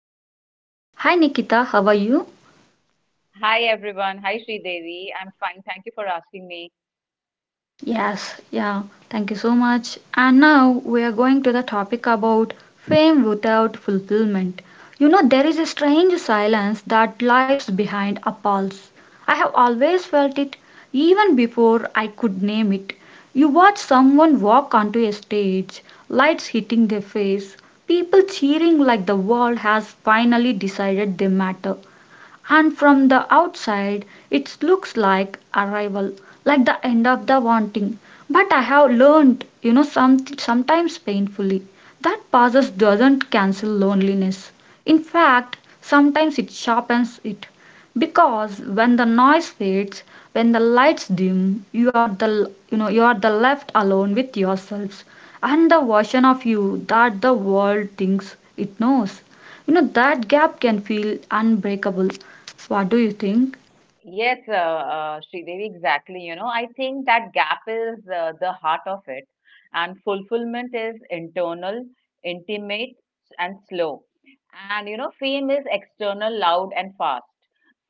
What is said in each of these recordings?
Nikita. Hi Nikita, how are you? Hi everyone. Hi Sridevi. I'm fine. Thank you for asking me. Yes, yeah, thank you so much. And now we are going to the topic about fame without fulfillment. You know, there is a strange silence that lies behind a pulse. I have always felt it even before I could name it. You watch someone walk onto a stage, lights hitting their face, people cheering like the world has finally decided they matter, and from the outside it looks like arrival, like the end of the wanting. But I have learned, you know, sometimes painfully, that pauses doesn't cancel loneliness. In fact, sometimes it sharpens it, because when the noise fades, when the lights dim, you are the you know you are the left alone with yourselves and the version of you that the world thinks it knows. You know that gap can feel unbreakable. What do you think? Yes, Sridevi, exactly. You know, I think that gap is the heart of it. And fulfillment is internal, intimate, and slow. And, you know, fame is external, loud, and fast.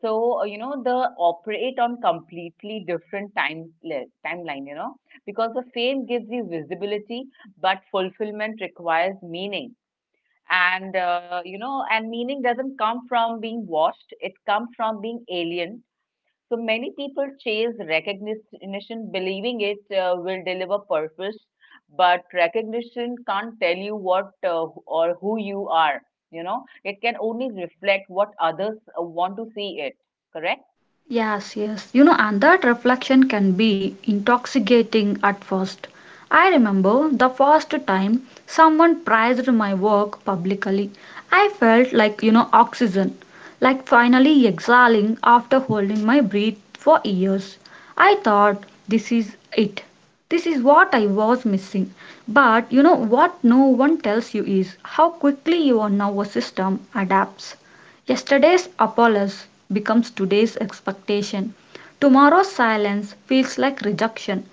So, you know, they operate on completely different timeline, you know, because the fame gives you visibility, but fulfillment requires meaning and you know and meaning doesn't come from being washed, it comes from being alien. So many people chase recognition believing it will deliver purpose, but recognition can't tell you what or who you are. You know, it can only reflect what others want to see it, correct? Yes, yes. You know, and that reflection can be intoxicating at first. I remember the first time someone praised my work publicly. I felt like, you know, oxygen, like finally exhaling after holding my breath for years. I thought, this is it. This is what I was missing. But, you know, what no one tells you is how quickly your nervous system adapts. Yesterday's apology becomes today's expectation. Tomorrow's silence feels like rejection.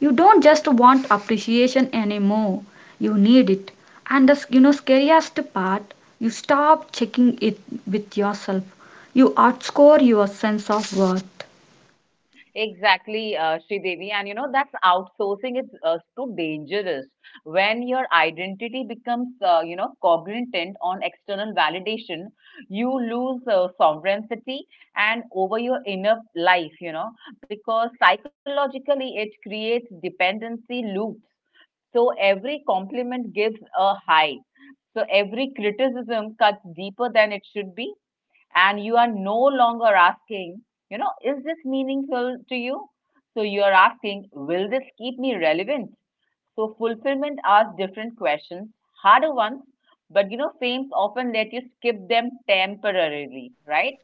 You don't just want appreciation anymore, you need it. And the, you know, scariest part, you stop checking it with yourself. You outscore your sense of worth. Exactly, Devi, and you know, that's outsourcing is too dangerous when your identity becomes, you know, cognizant on external validation. You lose sovereignty and over your inner life, you know, because psychologically it creates dependency loops. So every compliment gives a high. So every criticism cuts deeper than it should be, and you are no longer asking, you know, is this meaningful to you? So you are asking, will this keep me relevant? So fulfillment asks different questions, harder ones, but you know, fames often let you skip them temporarily, right?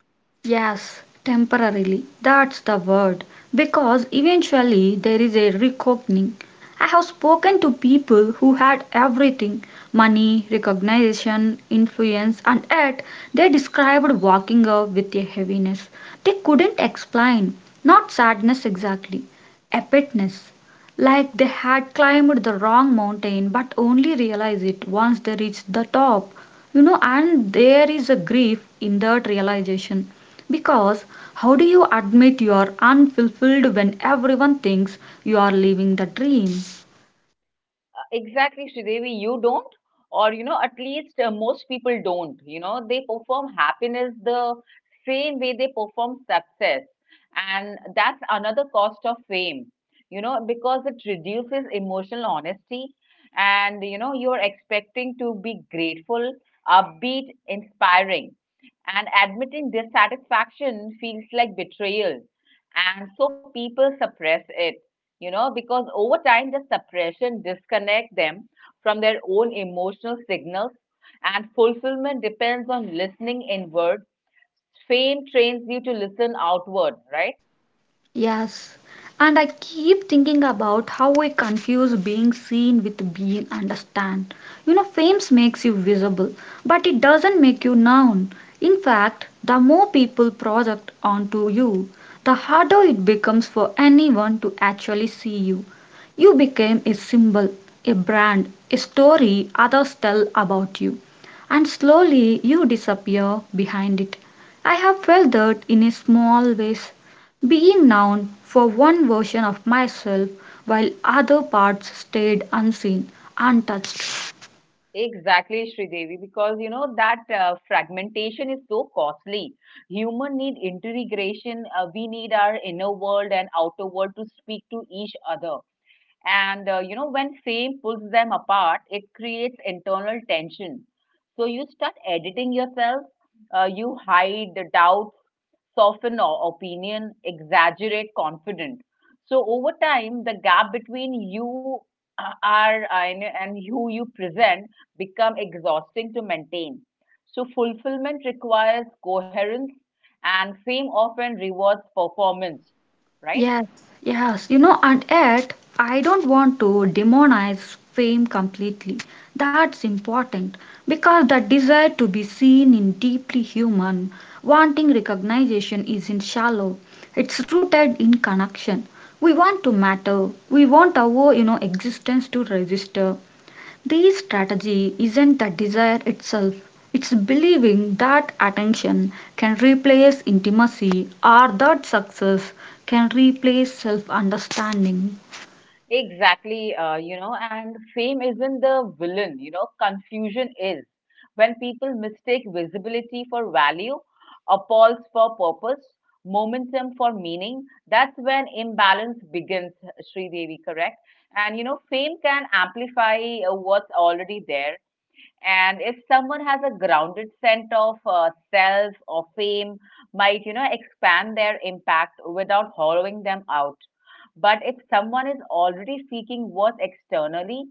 Yes, temporarily. That's the word. Because eventually there is a reckoning. I have spoken to people who had everything: money, recognition, influence, and yet they described walking up with a heaviness they couldn't explain. Not sadness exactly, a petness, like they had climbed the wrong mountain but only realized it once they reached the top. You know, and there is a grief in that realization, because how do you admit you are unfulfilled when everyone thinks you are living the dream? Exactly, Sridevi, you don't, or you know, at least most people don't. You know, they perform happiness the same way they perform success, and that's another cost of fame. You know, because it reduces emotional honesty, and you know, you're expecting to be grateful, upbeat, inspiring, and admitting dissatisfaction feels like betrayal, and so people suppress it, you know, because over time, the suppression disconnect them from their own emotional signals, and fulfillment depends on listening inward. Fame trains you to listen outward, right? Yes, and I keep thinking about how we confuse being seen with being understood. You know, fame makes you visible, but it doesn't make you known. In fact, the more people project onto you, the harder it becomes for anyone to actually see you. You became a symbol, a brand, a story others tell about you, and slowly you disappear behind it. I have felt that in a small ways, being known for one version of myself while other parts stayed unseen, untouched. Exactly, Sridevi, because you know that fragmentation is so costly. Human need integration. We need our inner world and outer world to speak to each other. And you know, when fame pulls them apart, it creates internal tension. So you start editing yourself, you hide the doubts, opinion, exaggerate confidence. So over time, the gap between you and who you present become exhausting to maintain. So fulfillment requires coherence, and fame often rewards performance, right? Yes, yes, you know, and yet I don't want to demonize fame completely. That's important, because the desire to be seen in deeply human, wanting recognition isn't shallow. It's rooted in connection. We want to matter. We want our, you know, existence to register. This strategy isn't the desire itself, it's believing that attention can replace intimacy, or that success can replace self understanding. Exactly, you know, and fame isn't the villain, you know, confusion is. When people mistake visibility for value, a pulse for purpose, momentum for meaning, that's when imbalance begins, Sri Devi, correct? And, you know, fame can amplify what's already there, and if someone has a grounded sense of self or fame might, you know, expand their impact without hollowing them out, but if someone is already seeking worth externally,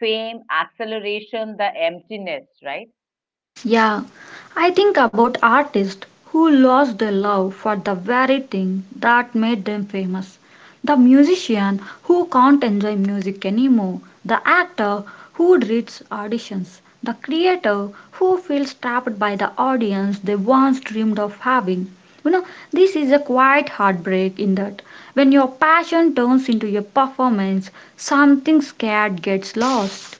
fame acceleration the emptiness, right? Yeah, I think about artists who lost their love for the very thing that made them famous. The musician who can't enjoy music anymore, the actor who dreads auditions, the creator who feels trapped by the audience they once dreamed of having. You know, this is a quiet heartbreak in that when your passion turns into a performance, something scared gets lost.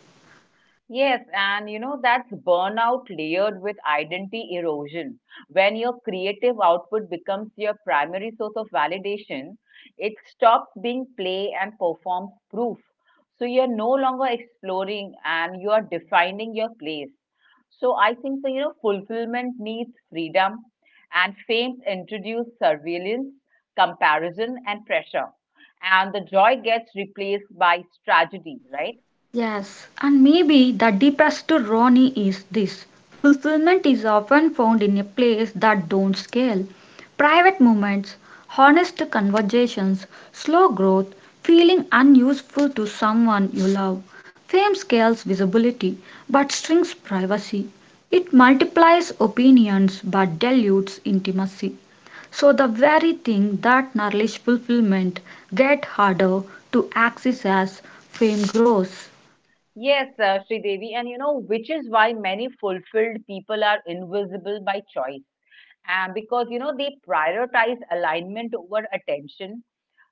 Yes, and you know, that's burnout layered with identity erosion. When your creative output becomes your primary source of validation, it stops being play and performs proof. So you're no longer exploring and you are defining your place. So I think so, you know, fulfillment needs freedom and fame introduces surveillance, comparison, and pressure. And the joy gets replaced by tragedy, right? Yes, and maybe the deepest irony is this: fulfillment is often found in a place that don't scale. Private moments, honest conversations, slow growth, feeling unuseful to someone you love. Fame scales visibility but shrinks privacy. It multiplies opinions but dilutes intimacy. So the very thing that nourishes fulfillment get harder to access as fame grows. Yes, Devi, and you know, which is why many fulfilled people are invisible by choice. And because, you know, they prioritize alignment over attention,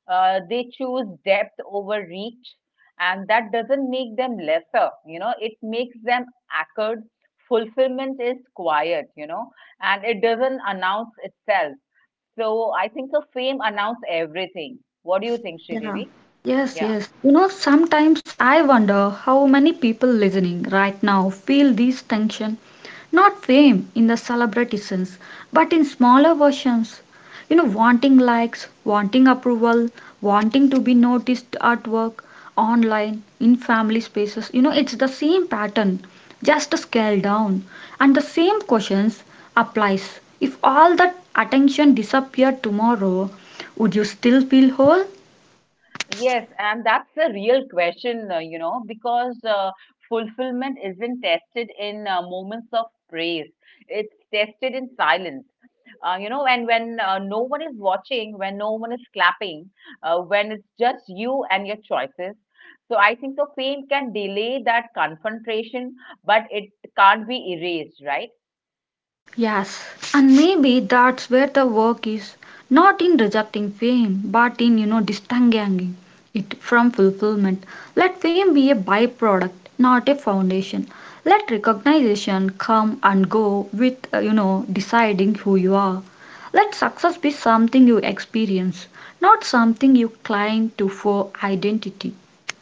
they choose depth over reach, and that doesn't make them lesser, you know, it makes them anchored. Fulfillment is quiet, you know, and it doesn't announce itself. So I think the fame announces everything. What do you think, Yeah. Devi? Yes, Yeah. yes. You know, sometimes I wonder how many people listening right now feel this tension, not fame in the celebrity sense, but in smaller versions. You know, wanting likes, wanting approval, wanting to be noticed at work, online, in family spaces. You know, it's the same pattern, just scaled down. And the same questions applies. If all that attention disappeared tomorrow, would you still feel whole? Yes, and that's the real question, you know, because fulfillment isn't tested in moments of praise. It's tested in silence. You know, and when no one is watching, when no one is clapping, when it's just you and your choices. So I think the pain can delay that confrontation, but it can't be erased, right? Yes, and maybe that's where the work is, not in rejecting fame, but in, you know, distinguishing it from fulfillment. Let fame be a byproduct, not a foundation. Let recognition come and go with, you know, deciding who you are. Let success be something you experience, not something you cling to for identity.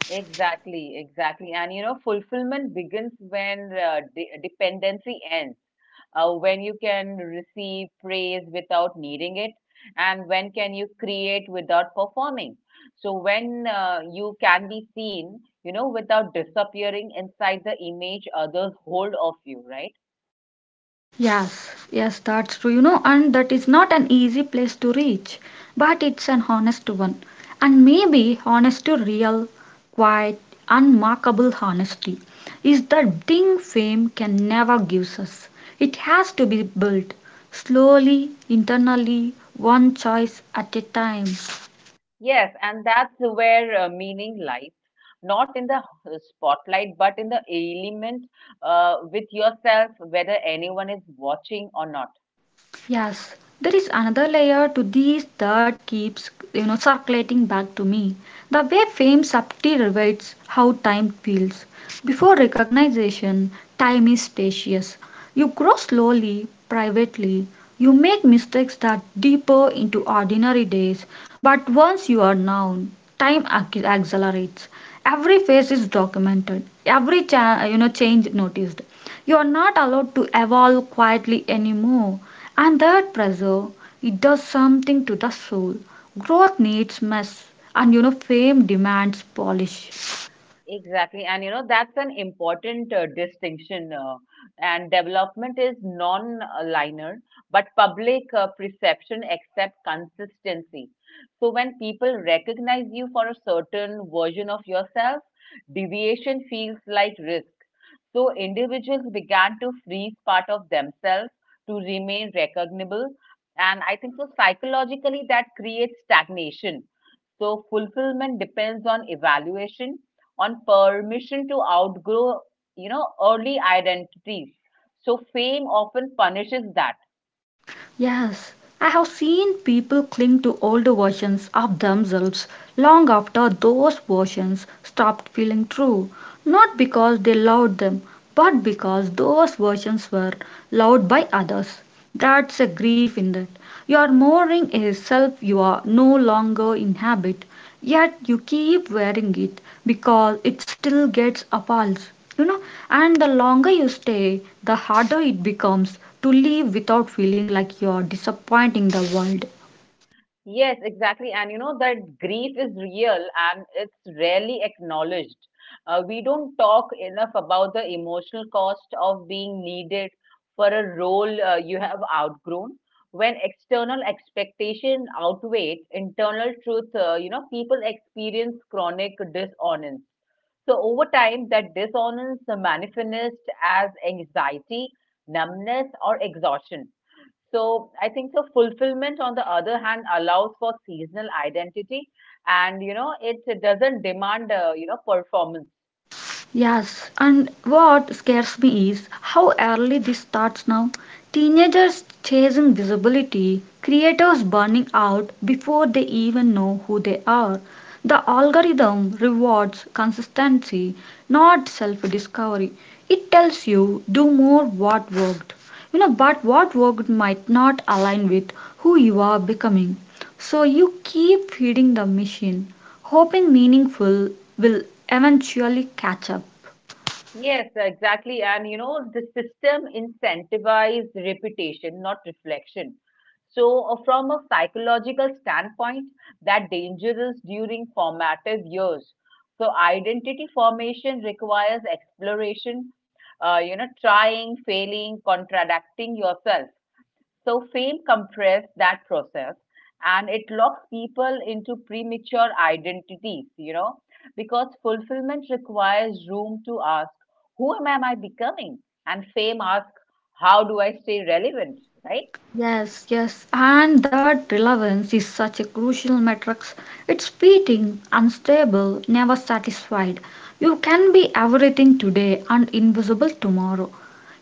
Exactly, exactly. And you know, fulfillment begins when dependency ends, when you can receive praise without needing it, and when can you create without performing, so when you can be seen, you know, without disappearing inside the image others hold of you, right? Yes, yes, that's true, you know, and that is not an easy place to reach, but it's an honest one. And maybe honest to real, quiet, unmarkable honesty is the thing fame can never give us. It has to be built slowly, internally, one choice at a time. Yes, and that's where meaning lies, not in the spotlight but in the element with yourself, whether anyone is watching or not. Yes, there is another layer to these that keeps, you know, circulating back to me. The way fame subtly rewrites how time feels. Before recognition, time is spacious. You grow slowly, privately. You make mistakes that deeper into ordinary days. But once you are known, time accelerates. Every phase is documented. Every you know, change noticed. You are not allowed to evolve quietly anymore, and that pressure, it does something to the soul. Growth needs mess, and you know fame demands polish. Exactly. And you know, that's an important distinction. And development is non linear, but public perception accepts consistency. So when people recognize you for a certain version of yourself, deviation feels like risk. So individuals began to freeze part of themselves to remain recognizable. And I think so psychologically that creates stagnation, so fulfillment depends on evaluation, on permission to outgrow, you know, early identities. So fame often punishes that. Yes, I have seen people cling to older versions of themselves long after those versions stopped feeling true, not because they loved them, but because those versions were loved by others. That's a grief in that. Your mourning is self you are no longer inhabit, yet you keep wearing it because it still gets a pulse. You know, and the longer you stay, the harder it becomes to leave without feeling like you're disappointing the world. Yes, exactly. And you know that grief is real and it's rarely acknowledged. We don't talk enough about the emotional cost of being needed for a role you have outgrown. When external expectation outweigh internal truth, you know, people experience chronic dishonest. So over time, that dissonance manifests as anxiety, numbness, or exhaustion. So I think so fulfillment, on the other hand, allows for seasonal identity, and you know it doesn't demand performance. Yes, and what scares me is how early this starts now. Teenagers chasing visibility, creators burning out before they even know who they are. The algorithm rewards consistency, not self discovery. It tells you do more what worked. You know, but what worked might not align with who you are becoming. So you keep feeding the machine, hoping meaningful will eventually catch up. Yes, exactly. And you know, the system incentivizes reputation, not reflection. So, from a psychological standpoint, that dangerous during formative years. So, identity formation requires exploration, you know, trying, failing, contradicting yourself. So fame compressed that process and it locks people into premature identities, you know, because fulfillment requires room to ask, who am I becoming? And fame asks, how do I stay relevant, right? Yes, yes, and that relevance is such a crucial metric. It's fleeting, unstable, never satisfied. You can be everything today and invisible tomorrow.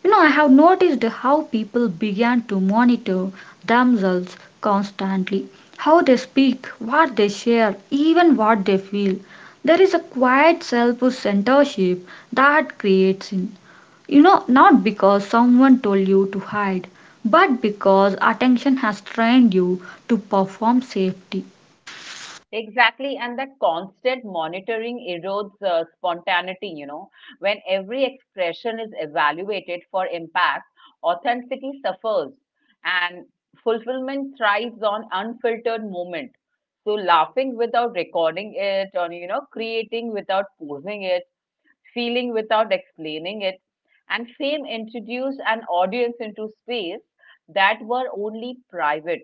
You know, I have noticed how people began to monitor themselves constantly, how they speak, what they share, even what they feel. There is a quiet self centership that creates in. You know, not because someone told you to hide, but because attention has trained you to perform safety. Exactly, and that constant monitoring erodes spontaneity, you know. When every expression is evaluated for impact, authenticity suffers and fulfillment thrives on unfiltered moment. So laughing without recording it, or, you know, creating without posing it, feeling without explaining it, and fame introduced an audience into space that were only private.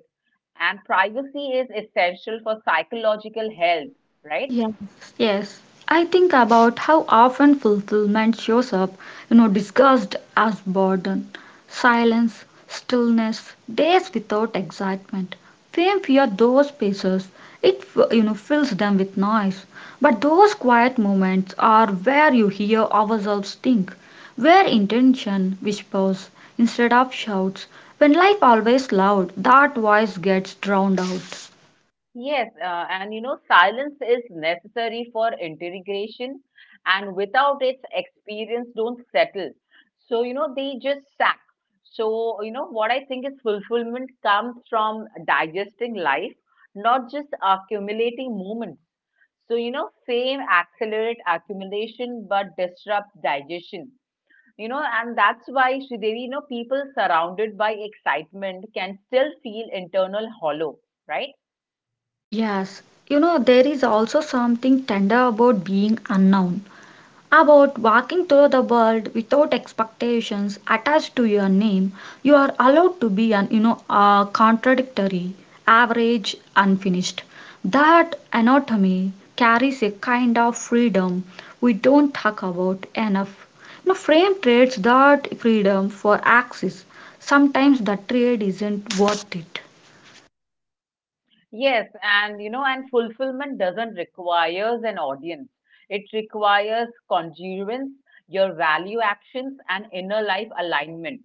And privacy is essential for psychological health, right? Yes, yes. I think about how often fulfillment shows up, you know, discussed as burden, silence, stillness, days without excitement. Fame fear those spaces. It, you know, fills them with noise. But those quiet moments are where you hear ourselves think, where intention whispers instead of shouts. When life always loud, that voice gets drowned out. Yes, and you know, silence is necessary for integration, and without it, experience don't settle. So, you know, they just sack. So, you know, what I think is fulfillment comes from digesting life, not just accumulating moments. So, you know, fame accelerate accumulation but disrupt digestion. You know, and that's why Sridevi, you know, people surrounded by excitement can still feel internal hollow, right? Yes, you know, there is also something tender about being unknown, about walking through the world without expectations attached to your name. You are allowed to be an, you know, contradictory, average, unfinished. That anatomy carries a kind of freedom we don't talk about enough. You know, frame trades that freedom for axis. Sometimes the trade isn't worth it. Yes, and you know, and fulfillment doesn't requires an audience. It requires congruence, your value actions, and inner life alignment.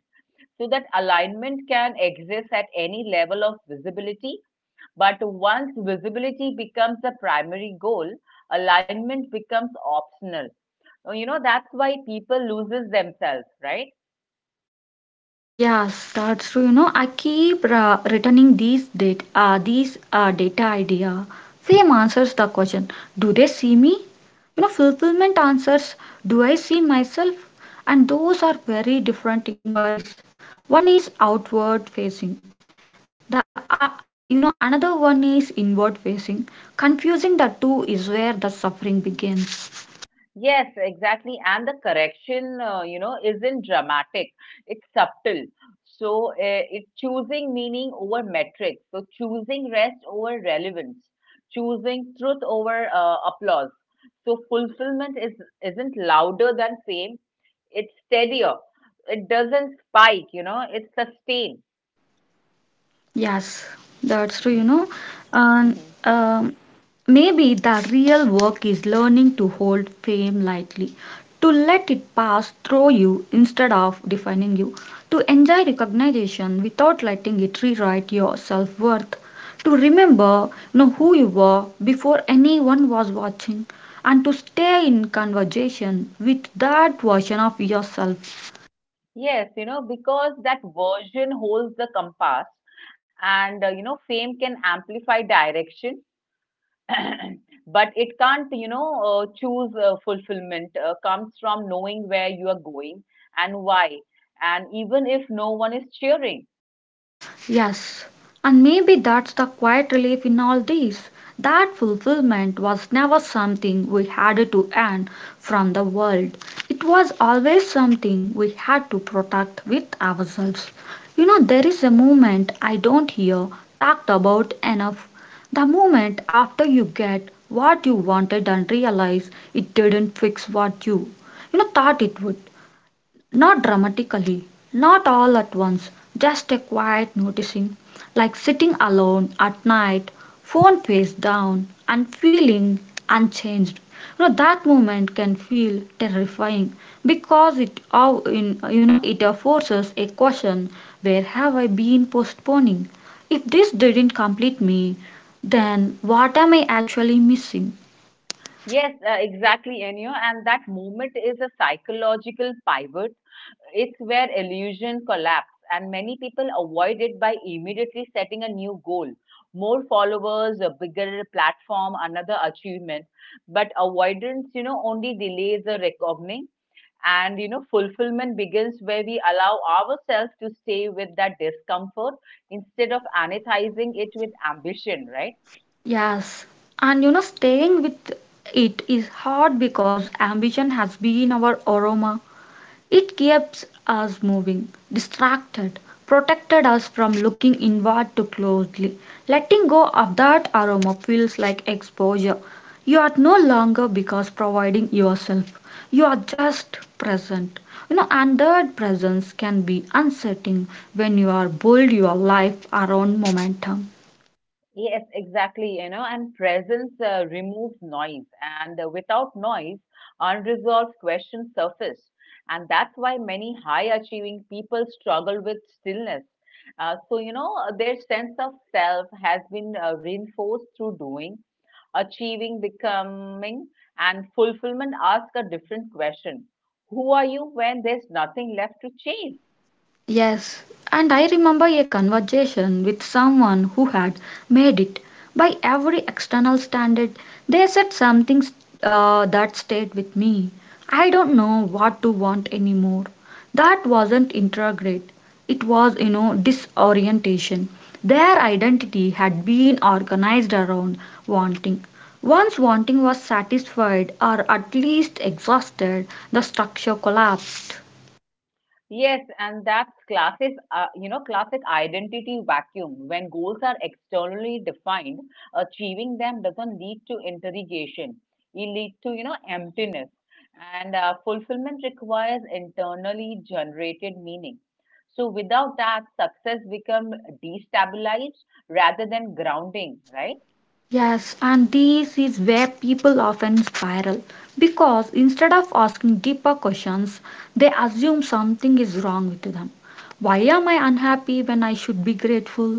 So that alignment can exist at any level of visibility. But once visibility becomes a primary goal, alignment becomes optional. You know, that's why people loses themselves, right? Yes, that's true. You know, I keep returning these data idea. Fame answers the question: do they see me? You know, fulfillment answers: do I see myself? And those are very different inquiries. One is outward facing. The, you know, another one is inward facing. Confusing the two is where the suffering begins. Yes, exactly. And the correction, you know, isn't dramatic. It's subtle. So it choosing meaning over metrics. So choosing rest over relevance. Choosing truth over applause. So fulfillment is isn't louder than fame. It's steadier. It doesn't spike. You know, it's sustained. Yes, that's true, you know. And Hmm. um, maybe the real work is learning to hold fame lightly, to let it pass through you instead of defining you, to enjoy recognition without letting it rewrite your self worth, to remember, you know, who you were before anyone was watching, and to stay in conversation with that version of yourself. Yes, you know, because that version holds the compass, and you know, fame can amplify direction but it can't, you know, choose fulfillment comes from knowing where you are going and why, and even if no one is cheering. Yes, and maybe that's the quiet relief in all this. That fulfillment was never something we had to earn from the world. It was always something we had to protect with ourselves. You know, there is a movement I don't hear talked about enough. The moment after you get what you wanted and realize it didn't fix what you know, thought it would. Not dramatically, not all at once, just a quiet noticing, like sitting alone at night, phone face down, and feeling unchanged. You know, that moment can feel terrifying because it how in, you know, it forces a question: where have I been postponing? If this didn't complete me, then what am I actually missing? Yes, exactly, Enyo. And that moment is a psychological pivot. It's where illusion collapse, and many people avoid it by immediately setting a new goal. More followers, a bigger platform, another achievement. But avoidance, you know, only delays the reckoning, and you know fulfillment begins where we allow ourselves to stay with that discomfort instead of anethizing it with ambition, right? Yes, and you know, staying with it is hard because ambition has been our aroma. It keeps us moving, distracted, protected us from looking inward too closely. Letting go of that aroma feels like exposure. You are no longer because providing yourself. You are just present. You know, and that presence can be unsettling when you are build your life around momentum. Yes, exactly, you know, and presence removes noise, and without noise, unresolved questions surface. And that's why many high achieving people struggle with stillness. So, you know, their sense of self has been reinforced through doing, achieving, becoming, and fulfillment ask a different question. Who are you when there's nothing left to chase? Yes, and I remember a conversation with someone who had made it. By every external standard, they said something that stayed with me. I don't know what to want anymore. That wasn't integrate. It was, disorientation. Their identity had been organized around wanting. Once wanting was satisfied or at least exhausted, the structure collapsed. Yes, and that's classic, you know, classic identity vacuum. When goals are externally defined, achieving them doesn't lead to interrogation. It leads to, you know, emptiness. And fulfillment requires internally generated meaning. So without that, success becomes destabilized rather than grounding, right? Yes, and this is where people often spiral because instead of asking deeper questions, they assume something is wrong with them. Why am I unhappy when I should be grateful?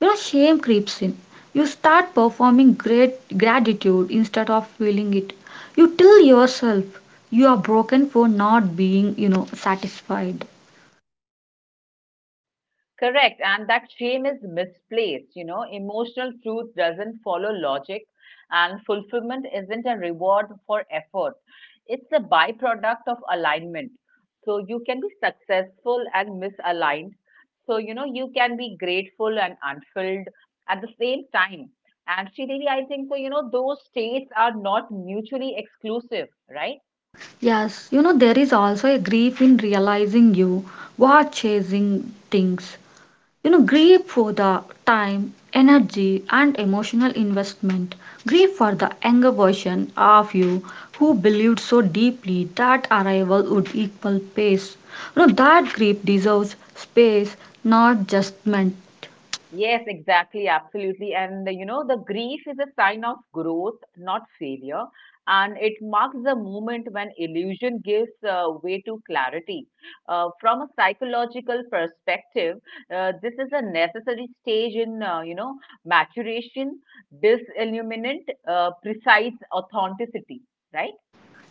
You know, shame creeps in. You start performing great gratitude instead of feeling it. You tell yourself you are broken for not being, satisfied. Correct. And that shame is misplaced. You know, emotional truth doesn't follow logic, and fulfillment isn't a reward for effort. It's a byproduct of alignment. So you can be successful and misaligned. So, you know, you can be grateful and unfilled at the same time. And Sridevi, I think so, you know, those states are not mutually exclusive, right? Yes, you know, there is also a grief in realizing you were chasing things. You know, grieve for the time, energy, and emotional investment. Grieve for the younger version of you who believed so deeply that arrival would equal pace. You know, that grief deserves space, not judgment. Yes, exactly, absolutely. And you know, the grief is a sign of growth, not failure. And it marks the moment when illusion gives way to clarity. From a psychological perspective, this is a necessary stage in, you know, maturation, disilluminant, precise authenticity, right?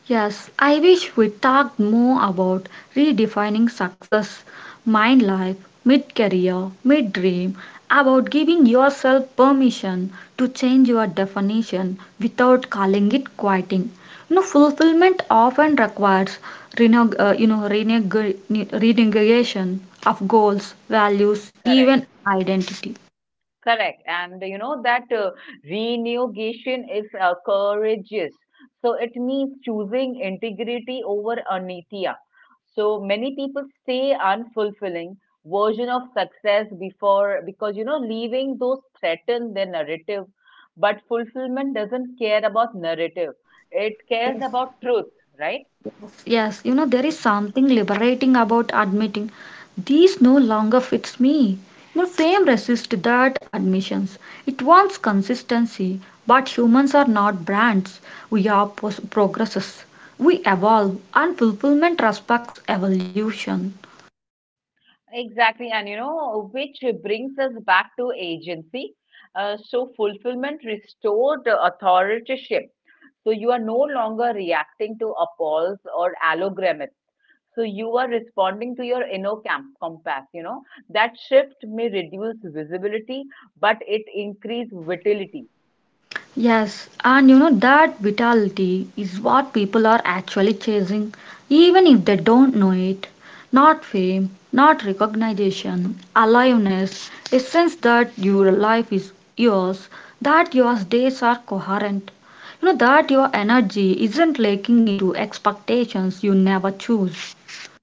Yes, I wish we talked more about redefining success, mind life, mid career, mid dream, about giving yourself permission to change your definition without calling it quitting. You know, fulfillment often requires renegation of goals, values, Correct. even identity. Correct. And you know that renegotiation is courageous. So it means choosing integrity over anitia. So many people stay unfulfilling version of success before because leaving those threaten their narrative. But fulfillment doesn't care about narrative. It cares about truth, right? Yes, you know, there is something liberating about admitting these no longer fits me. You know, fame resists that admissions. It wants consistency, but humans are not brands. Progresses. We evolve, and fulfillment respects evolution. Exactly. And which brings us back to agency. So fulfillment restored authorship. So you are no longer reacting to appalls or allograms. So you are responding to your inner compass, That shift may reduce visibility, but it increase vitality. Yes, and that vitality is what people are actually chasing, even if they don't know it. Not fame, not recognition, aliveness, a sense that your life is yours, that your days are coherent. That your energy isn't lacking into expectations you never choose.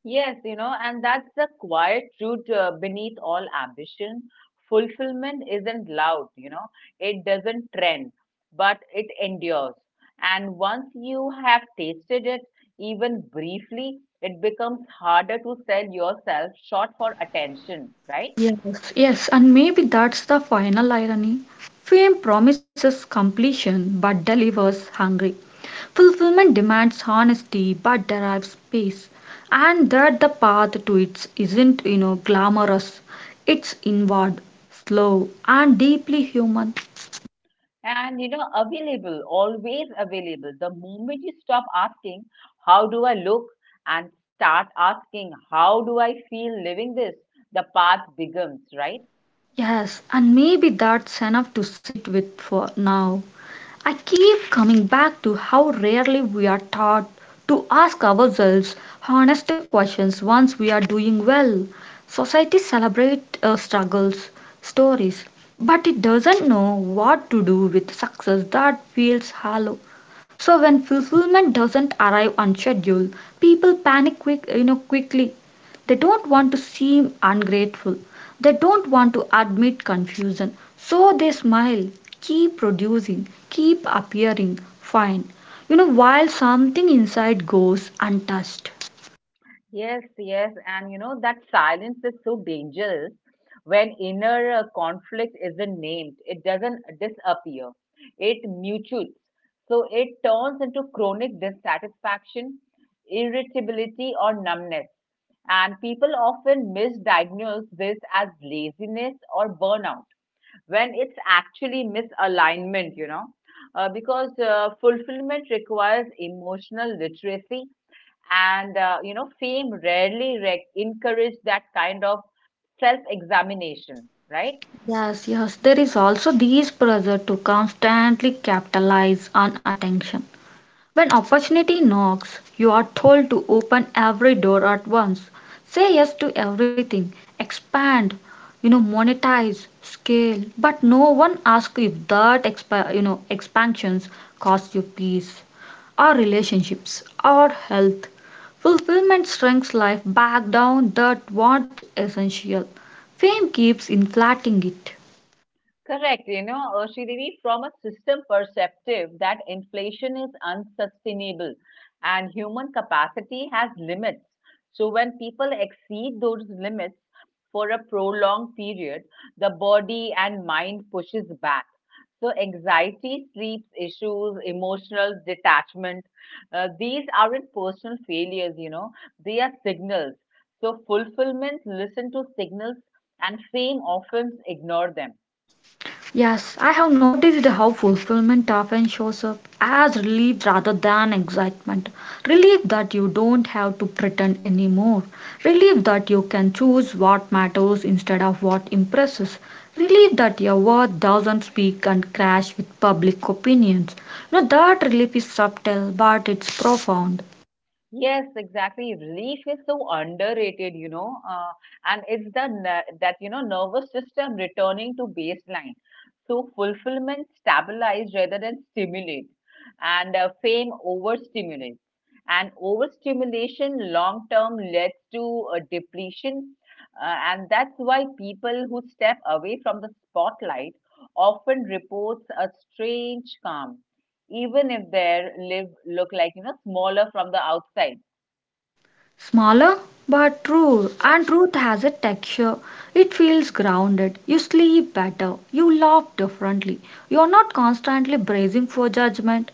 Yes, and that's the quiet truth beneath all ambition. Fulfillment isn't loud, it doesn't trend, but it endures. And once you have tasted it, even briefly, it becomes harder to sell yourself short for attention, right? Yes, and maybe that's the final irony. Fame promises completion but delivers hungry. Fulfillment demands honesty but derives peace. And that the path to it isn't glamorous. It's inward, slow, and deeply human. And, available, always available. The moment you stop asking, how do I look? And start asking, how do I feel living this? The path begins, right? Yes, and maybe that's enough to sit with for now. I keep coming back to how rarely we are taught to ask ourselves honest questions once we are doing well. Society celebrates struggles, stories, but it doesn't know what to do with success that feels hollow. So when fulfillment doesn't arrive on schedule, people panic quickly. They don't want to seem ungrateful. They don't want to admit confusion. So they smile, keep producing, keep appearing fine. You know, while something inside goes untouched. Yes, yes, and that silence is so dangerous when inner conflict isn't named. It doesn't disappear. It mutates. So it turns into chronic dissatisfaction, irritability, or numbness. And people often misdiagnose this as laziness or burnout when it's actually misalignment, because fulfillment requires emotional literacy and fame rarely encourage that kind of self examination, right? Yes, yes, there is also this pressure to constantly capitalize on attention. When opportunity knocks, you are told to open every door at once. Say yes to everything. Expand, monetize, scale. But no one asks if that expansions cost you peace, or relationships, or health. Fulfillment shrinks life back down that what's essential. Fame keeps inflating it. Correct, Sridevi, from a system perspective, that inflation is unsustainable and human capacity has limits. So, when people exceed those limits for a prolonged period, the body and mind pushes back. So, anxiety, sleep issues, emotional detachment, these aren't personal failures, they are signals. So, fulfillment, listen to signals, and fame often ignore them. Yes, I have noticed how fulfillment often shows up as relief rather than excitement. Relief that you don't have to pretend anymore. Relief that you can choose what matters instead of what impresses. Relief that your word doesn't speak and crash with public opinions. You know, that relief is subtle but it's profound. Yes, exactly. Relief is so underrated, and it's the that nervous system returning to baseline. So fulfillment stabilize rather than stimulate, and fame overstimulates. And overstimulation long term leads to depletion, and that's why people who step away from the spotlight often reports a strange calm, even if their live look like smaller from the outside. Smaller but true, Yes, and truth has a texture. It feels grounded. You sleep better. You laugh differently. You're not constantly bracing for judgment.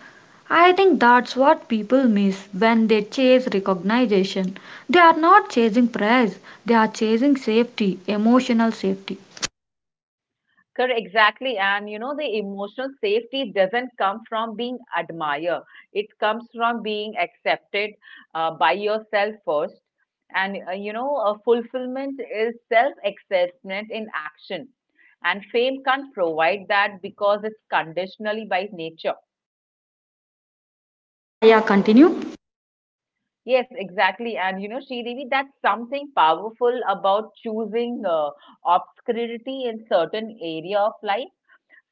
I think that's what people miss when they chase recognition. They are not chasing praise, they are chasing safety, emotional safety. correct, exactly. And the emotional safety doesn't come from being admired. It comes from being accepted by yourself first. And fulfillment is self-acceptance in action. And fame can't provide that because it's conditionally by nature. Yeah, yeah, continue. Yes, exactly. And Sridevi, that's something powerful about choosing obscurity in certain area of life.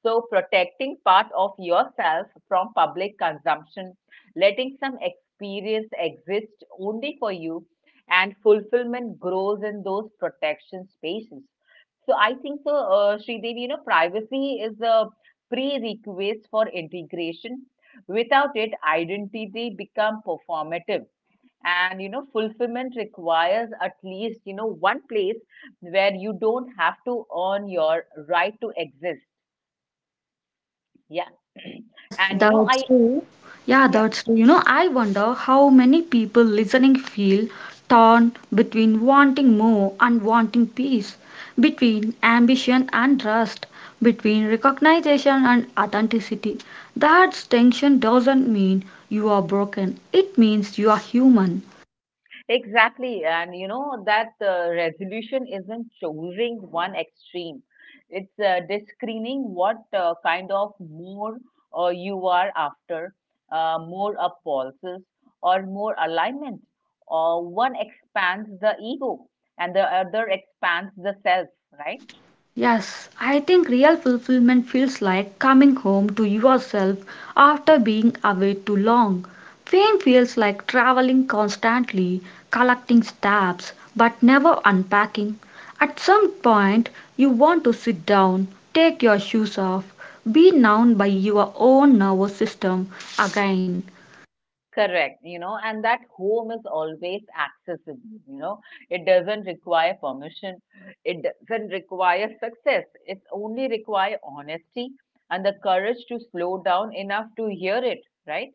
So, protecting part of yourself from public consumption, letting some experience exist only for you, and fulfillment grows in those protection spaces. So, I think so, Sridevi, privacy is a prerequisite for integration. Without it, identity become performative and fulfillment requires at least one place where you don't have to earn your right to exist, yeah. Yes, And that's true. Yeah, yeah, that's true. You know, I wonder how many people listening feel torn between wanting more and wanting peace, between ambition and trust, between recognition and authenticity. That tension doesn't mean you are broken, it means you are human. exactly. And that resolution isn't choosing one extreme, it's discerning what kind of more you are after, more impulses or more alignment. One expands the ego and the other expands the self, right? Yes, I think real fulfillment feels like coming home to yourself after being away too long. Fame feels like traveling constantly, collecting stamps, but never unpacking. At some point, you want to sit down, take your shoes off, be known by your own nervous system again. Correct, and that home is always accessible, you know. It doesn't require permission, it doesn't require success. It only requires honesty and the courage to slow down enough to hear it, right?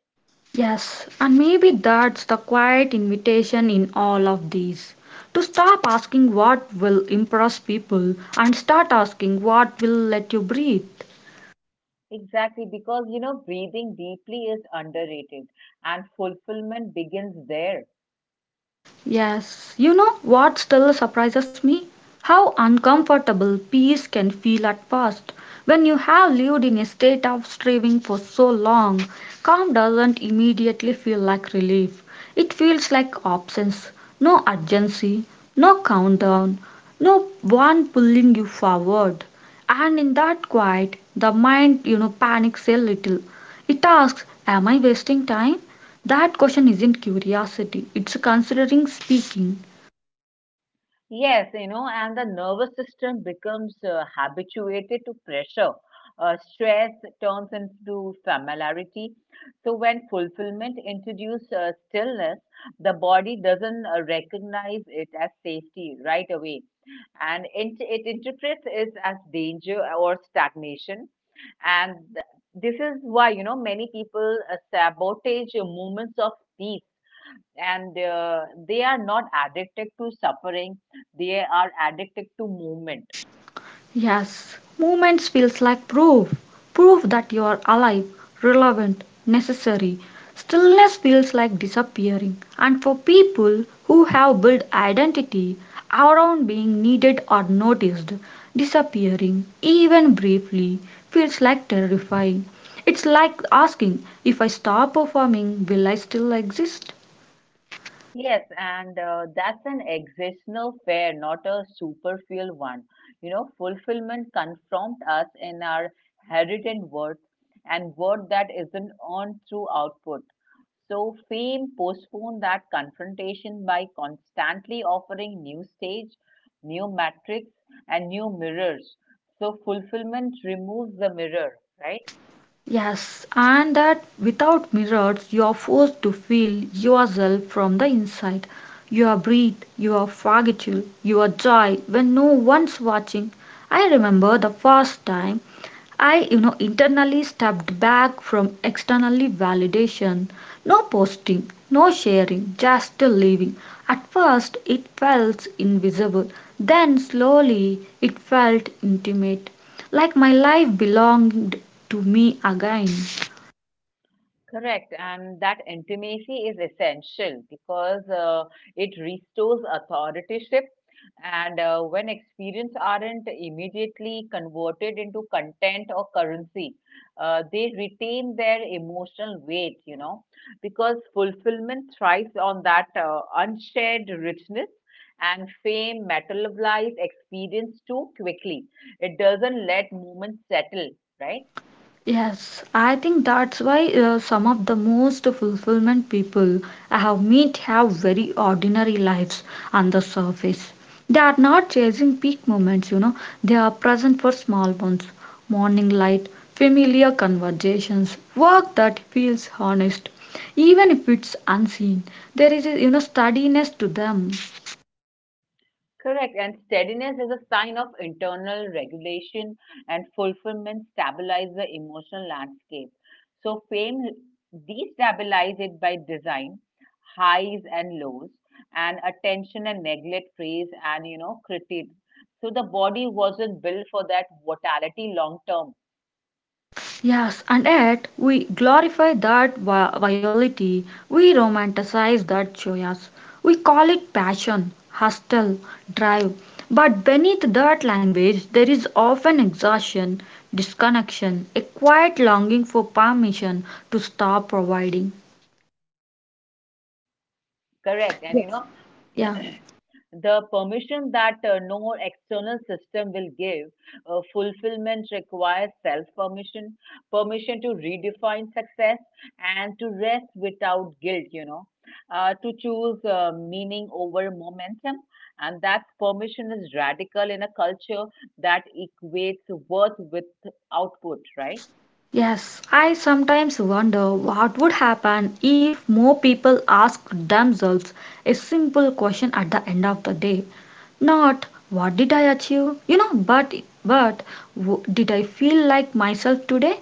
Yes, and maybe that's the quiet invitation in all of these to stop asking what will impress people and start asking what will let you breathe. Exactly, because breathing deeply is underrated and fulfillment begins there. Yes, you know what still surprises me? How uncomfortable peace can feel at first. When you have lived in a state of striving for so long, calm doesn't immediately feel like relief. It feels like absence, no urgency, no countdown, no one pulling you forward. And in that quiet, the mind, panics a little. It asks, am I wasting time? That question isn't curiosity, it's considering speaking. Yes, and the nervous system becomes habituated to pressure. Stress turns into familiarity. So when fulfillment introduces stillness, the body doesn't recognize it as safety right away, and it interprets it as danger or stagnation. And this is why many people sabotage moments of peace, and they are not addicted to suffering, they are addicted to movement. Yes, movements feels like proof. Proof that you are alive, relevant, necessary. Stillness feels like disappearing. And for people who have built identity around being needed or noticed, disappearing, even briefly, feels like terrifying. It's like asking if I stop performing, will I still exist? Yes, and that's an existential fear, not a superficial one. Fulfillment confronts us in our heritage worth, and worth that isn't earned through output. So fame postponed that confrontation by constantly offering new stage, new metrics, and new mirrors. So fulfillment removes the mirror, right? Yes, and that without mirrors, you are forced to feel yourself from the inside. Your breath, your fatigue, your joy when no one's watching. I remember the first time I, internally stepped back from externally validation. No posting, no sharing, just living. At first, it felt invisible. Then, slowly, it felt intimate. Like my life belonged to me again. Correct, and that intimacy is essential because it restores authoritative. And when experience aren't immediately converted into content or currency, they retain their emotional weight, because fulfillment thrives on that unshared richness. And fame materialize experience too quickly. It doesn't let moments settle, right? Yes, I think that's why some of the most fulfillment people I have met have very ordinary lives on the surface. They are not chasing peak moments, they are present for small ones morning light, familiar conversations, work that feels honest. Even if it's unseen, there is a steadiness to them. Correct. And steadiness is a sign of internal regulation, and fulfillment stabilizes the emotional landscape. So, fame destabilizes it by design, highs and lows, and attention and neglect, praise and critique. So, the body wasn't built for that mortality long term. Yes, and yet we glorify virility, we romanticize that joyous, we call it passion, hustle, drive. But beneath that language, there is often exhaustion, disconnection, a quiet longing for permission to stop providing. Correct. And Yeah. the permission that no external system will give. Fulfillment requires self permission, permission to redefine success and to rest without guilt, to choose meaning over momentum. And that permission is radical in a culture that equates worth with output, right? Yes, I sometimes wonder what would happen if more people asked themselves a simple question at the end of the day. Not what did I achieve, but but did I feel like myself today?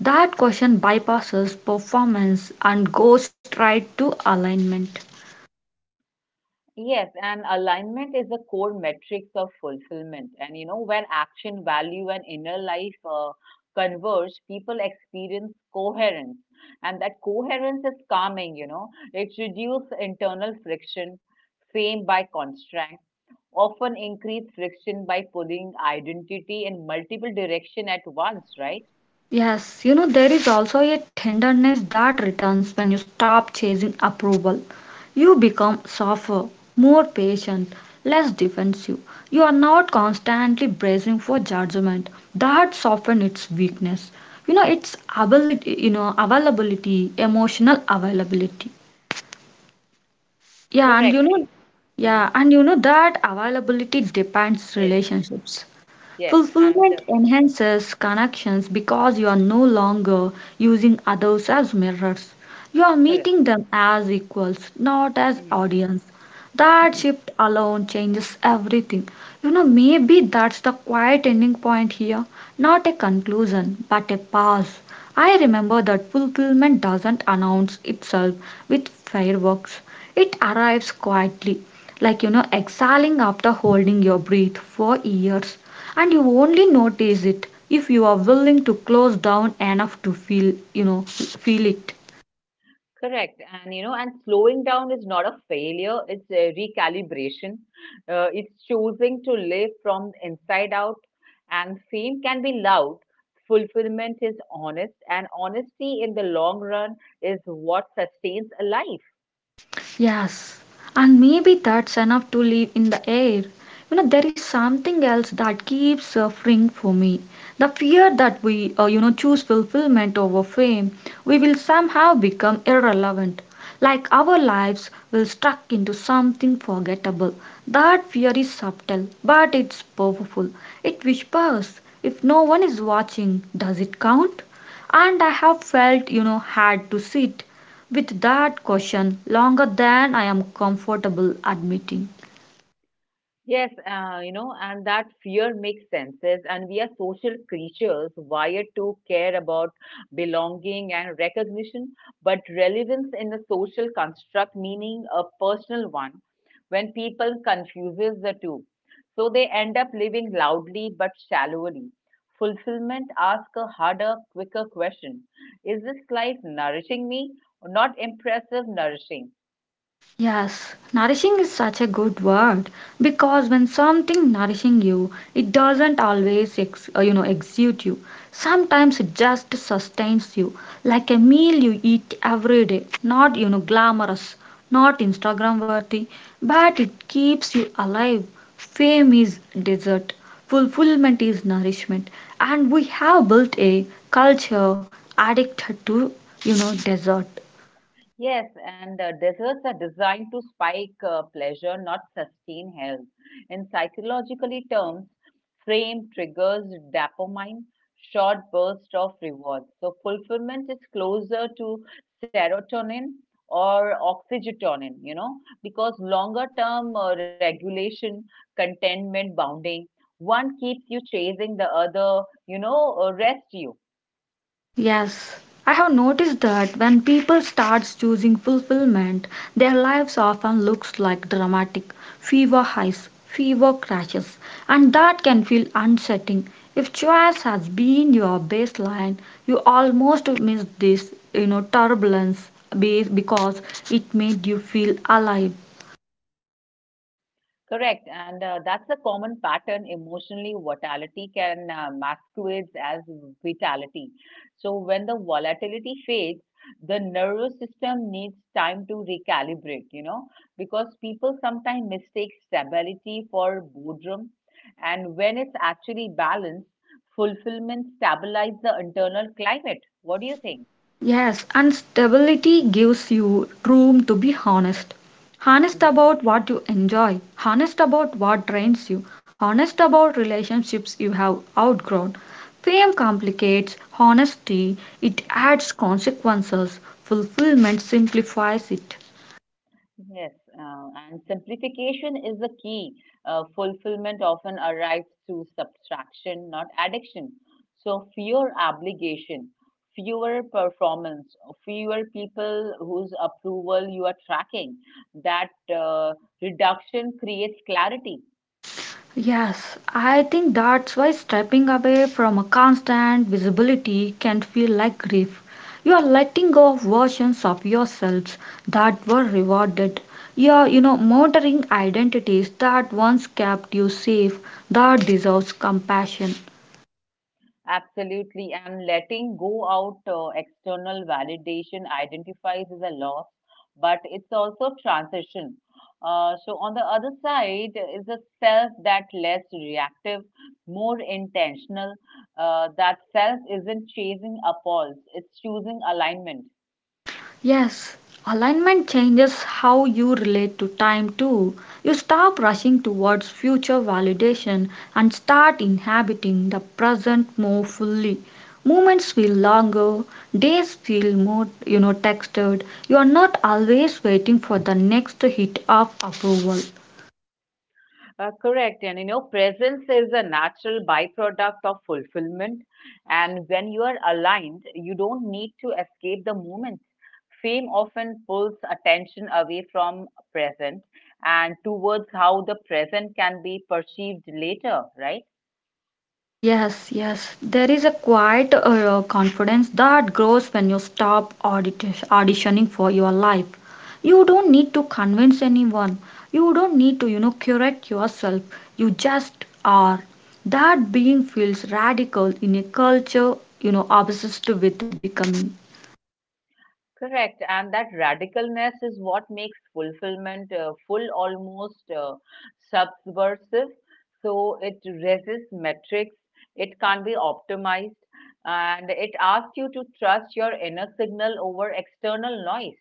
That question bypasses performance and goes straight to alignment. Yes, and alignment is the core metrics of fulfillment. And when action, value, and inner life converge, people experience coherence. And that coherence is calming, it reduces internal friction, fame by constraint, often increase friction by pulling identity in multiple direction at once, right? Yes, you know, there is also a tenderness that returns when you stop chasing approval. You become softer, more patient, less defensive. You are not constantly bracing for judgment. That softens its weakness. You know, its ability, you know, availability, emotional availability. Yeah, and Correct. Hmm. That availability depends Yes, relationships. yes, and Fulfillment enhances connections because you are no longer using others as mirrors. You are correct. meeting them as equals, not as audience. That shift alone changes everything. You know, maybe that's the quiet ending point here. Not a conclusion, but a pause. I remember that fulfillment doesn't announce itself with fireworks. It arrives quietly, like exhaling after holding your breath for years. And you only notice it if you are willing to close down enough to feel it. Correct. And and slowing down is not a failure, it's a recalibration. It's choosing to live from inside out. And fame can be loud, fulfillment is honest, and honesty in the long run is what sustains a life. Yes, and maybe that's enough to live in the air. You know, there is something else that keeps suffering for me. The fear that we choose fulfillment over fame, we will somehow become irrelevant. Like our lives will stuck into something forgettable. That fear is subtle, but it's powerful. It whispers, if no one is watching, does it count? And I have felt, had to sit with that question longer than I am comfortable admitting. Yes, and that fear makes senses, and we are social creatures wired to care about belonging and recognition, but relevance in the social construct, meaning a personal one, when people confuses the two. So they end up living loudly but shallowly. Fulfillment asks a harder, quicker question. Is this life nourishing me? Not impressive nourishing. Yes, nourishing is such a good word because when something nourishing you, it doesn't always exude you. Sometimes it just sustains you, like a meal you eat every day. Not glamorous, not Instagram worthy, but it keeps you alive. Fame is dessert, fulfillment is nourishment, and we have built a culture addicted to dessert. Yes, and desserts are designed to spike pleasure, not sustain health. In psychologically terms, frame triggers dopamine, short burst of reward. So fulfillment is closer to serotonin or oxytocin, because longer term regulation, contentment, bounding, one keeps you chasing the other, rest you. Yes, I have noticed that when people starts choosing fulfillment, their lives often looks like dramatic fever highs, fever crashes, and that can feel unsettling. If choice has been your baseline, you almost miss this, turbulence because it made you feel alive. Correct, and that's a common pattern. Emotionally, volatility can masquerades as vitality. So when the volatility fades, the nervous system needs time to recalibrate. Because people sometimes mistake stability for boredom, and when it's actually balanced, fulfillment stabilizes the internal climate. What do you think? Yes, and stability gives you room to be honest. Honest Mm-hmm. about what you enjoy, honest about what drains you, honest about relationships you have outgrown. Fame complicates honesty, it adds consequences, fulfillment simplifies it. Yes, and simplification is the key. Fulfillment often arrives through subtraction, not addiction. So, fewer obligation, fewer performance, fewer people whose approval you are tracking. That reduction creates clarity. Yes, I think that's why stepping away from a constant visibility can feel like grief. You are letting go of versions of yourselves that were rewarded. You are, murdering identities that once kept you safe, that deserves compassion. Absolutely. And letting go out external validation identifies as a loss, but it's also transition. So on the other side is a self that less reactive, more intentional. That self isn't chasing a pulse; it's choosing alignment. Yes, alignment changes how you relate to time too. You stop rushing towards future validation and start inhabiting the present more fully. Moments feel longer, days feel more, textured. You are not always waiting for the next hit of approval. Correct. And presence is a natural byproduct of fulfillment. And when you are aligned, you don't need to escape the moment. Fame often pulls attention away from present and towards how the present can be perceived later, right? Yes, yes. There is a quiet confidence that grows when you stop auditioning for your life. You don't need to convince anyone. You don't need to, curate yourself. You just are. That being feels radical in a culture, obsessed with becoming. Correct. And that radicalness is what makes fulfillment full, almost subversive. So it resists metrics, it can't be optimized, and it asks you to trust your inner signal over external noise.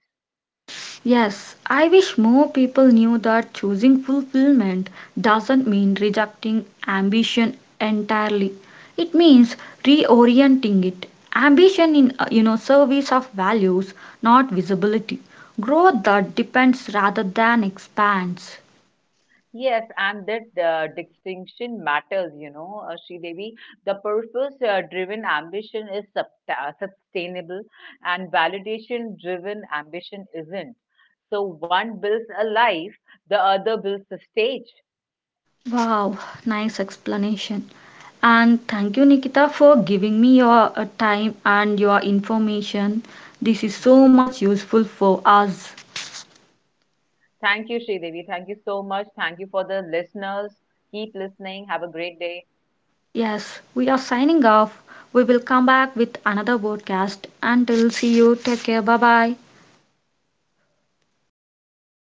Yes, I wish more people knew that choosing fulfillment doesn't mean rejecting ambition entirely. It means reorienting it. Ambition in service of values, not visibility. Growth that depends rather than expands. Yes, and that distinction matters, Devi. The purpose-driven ambition is sustainable, and validation-driven ambition isn't. So one builds a life, the other builds a stage. Wow, nice explanation. And thank you, Nikita, for giving me your time and your information. This is Mhm. so much useful for us. Thank you, Devi. Thank you so much. Thank you for the listeners. Keep listening. Have a great day. Yes, we are signing off. We will come back with another podcast. Until see you, take care. Bye bye.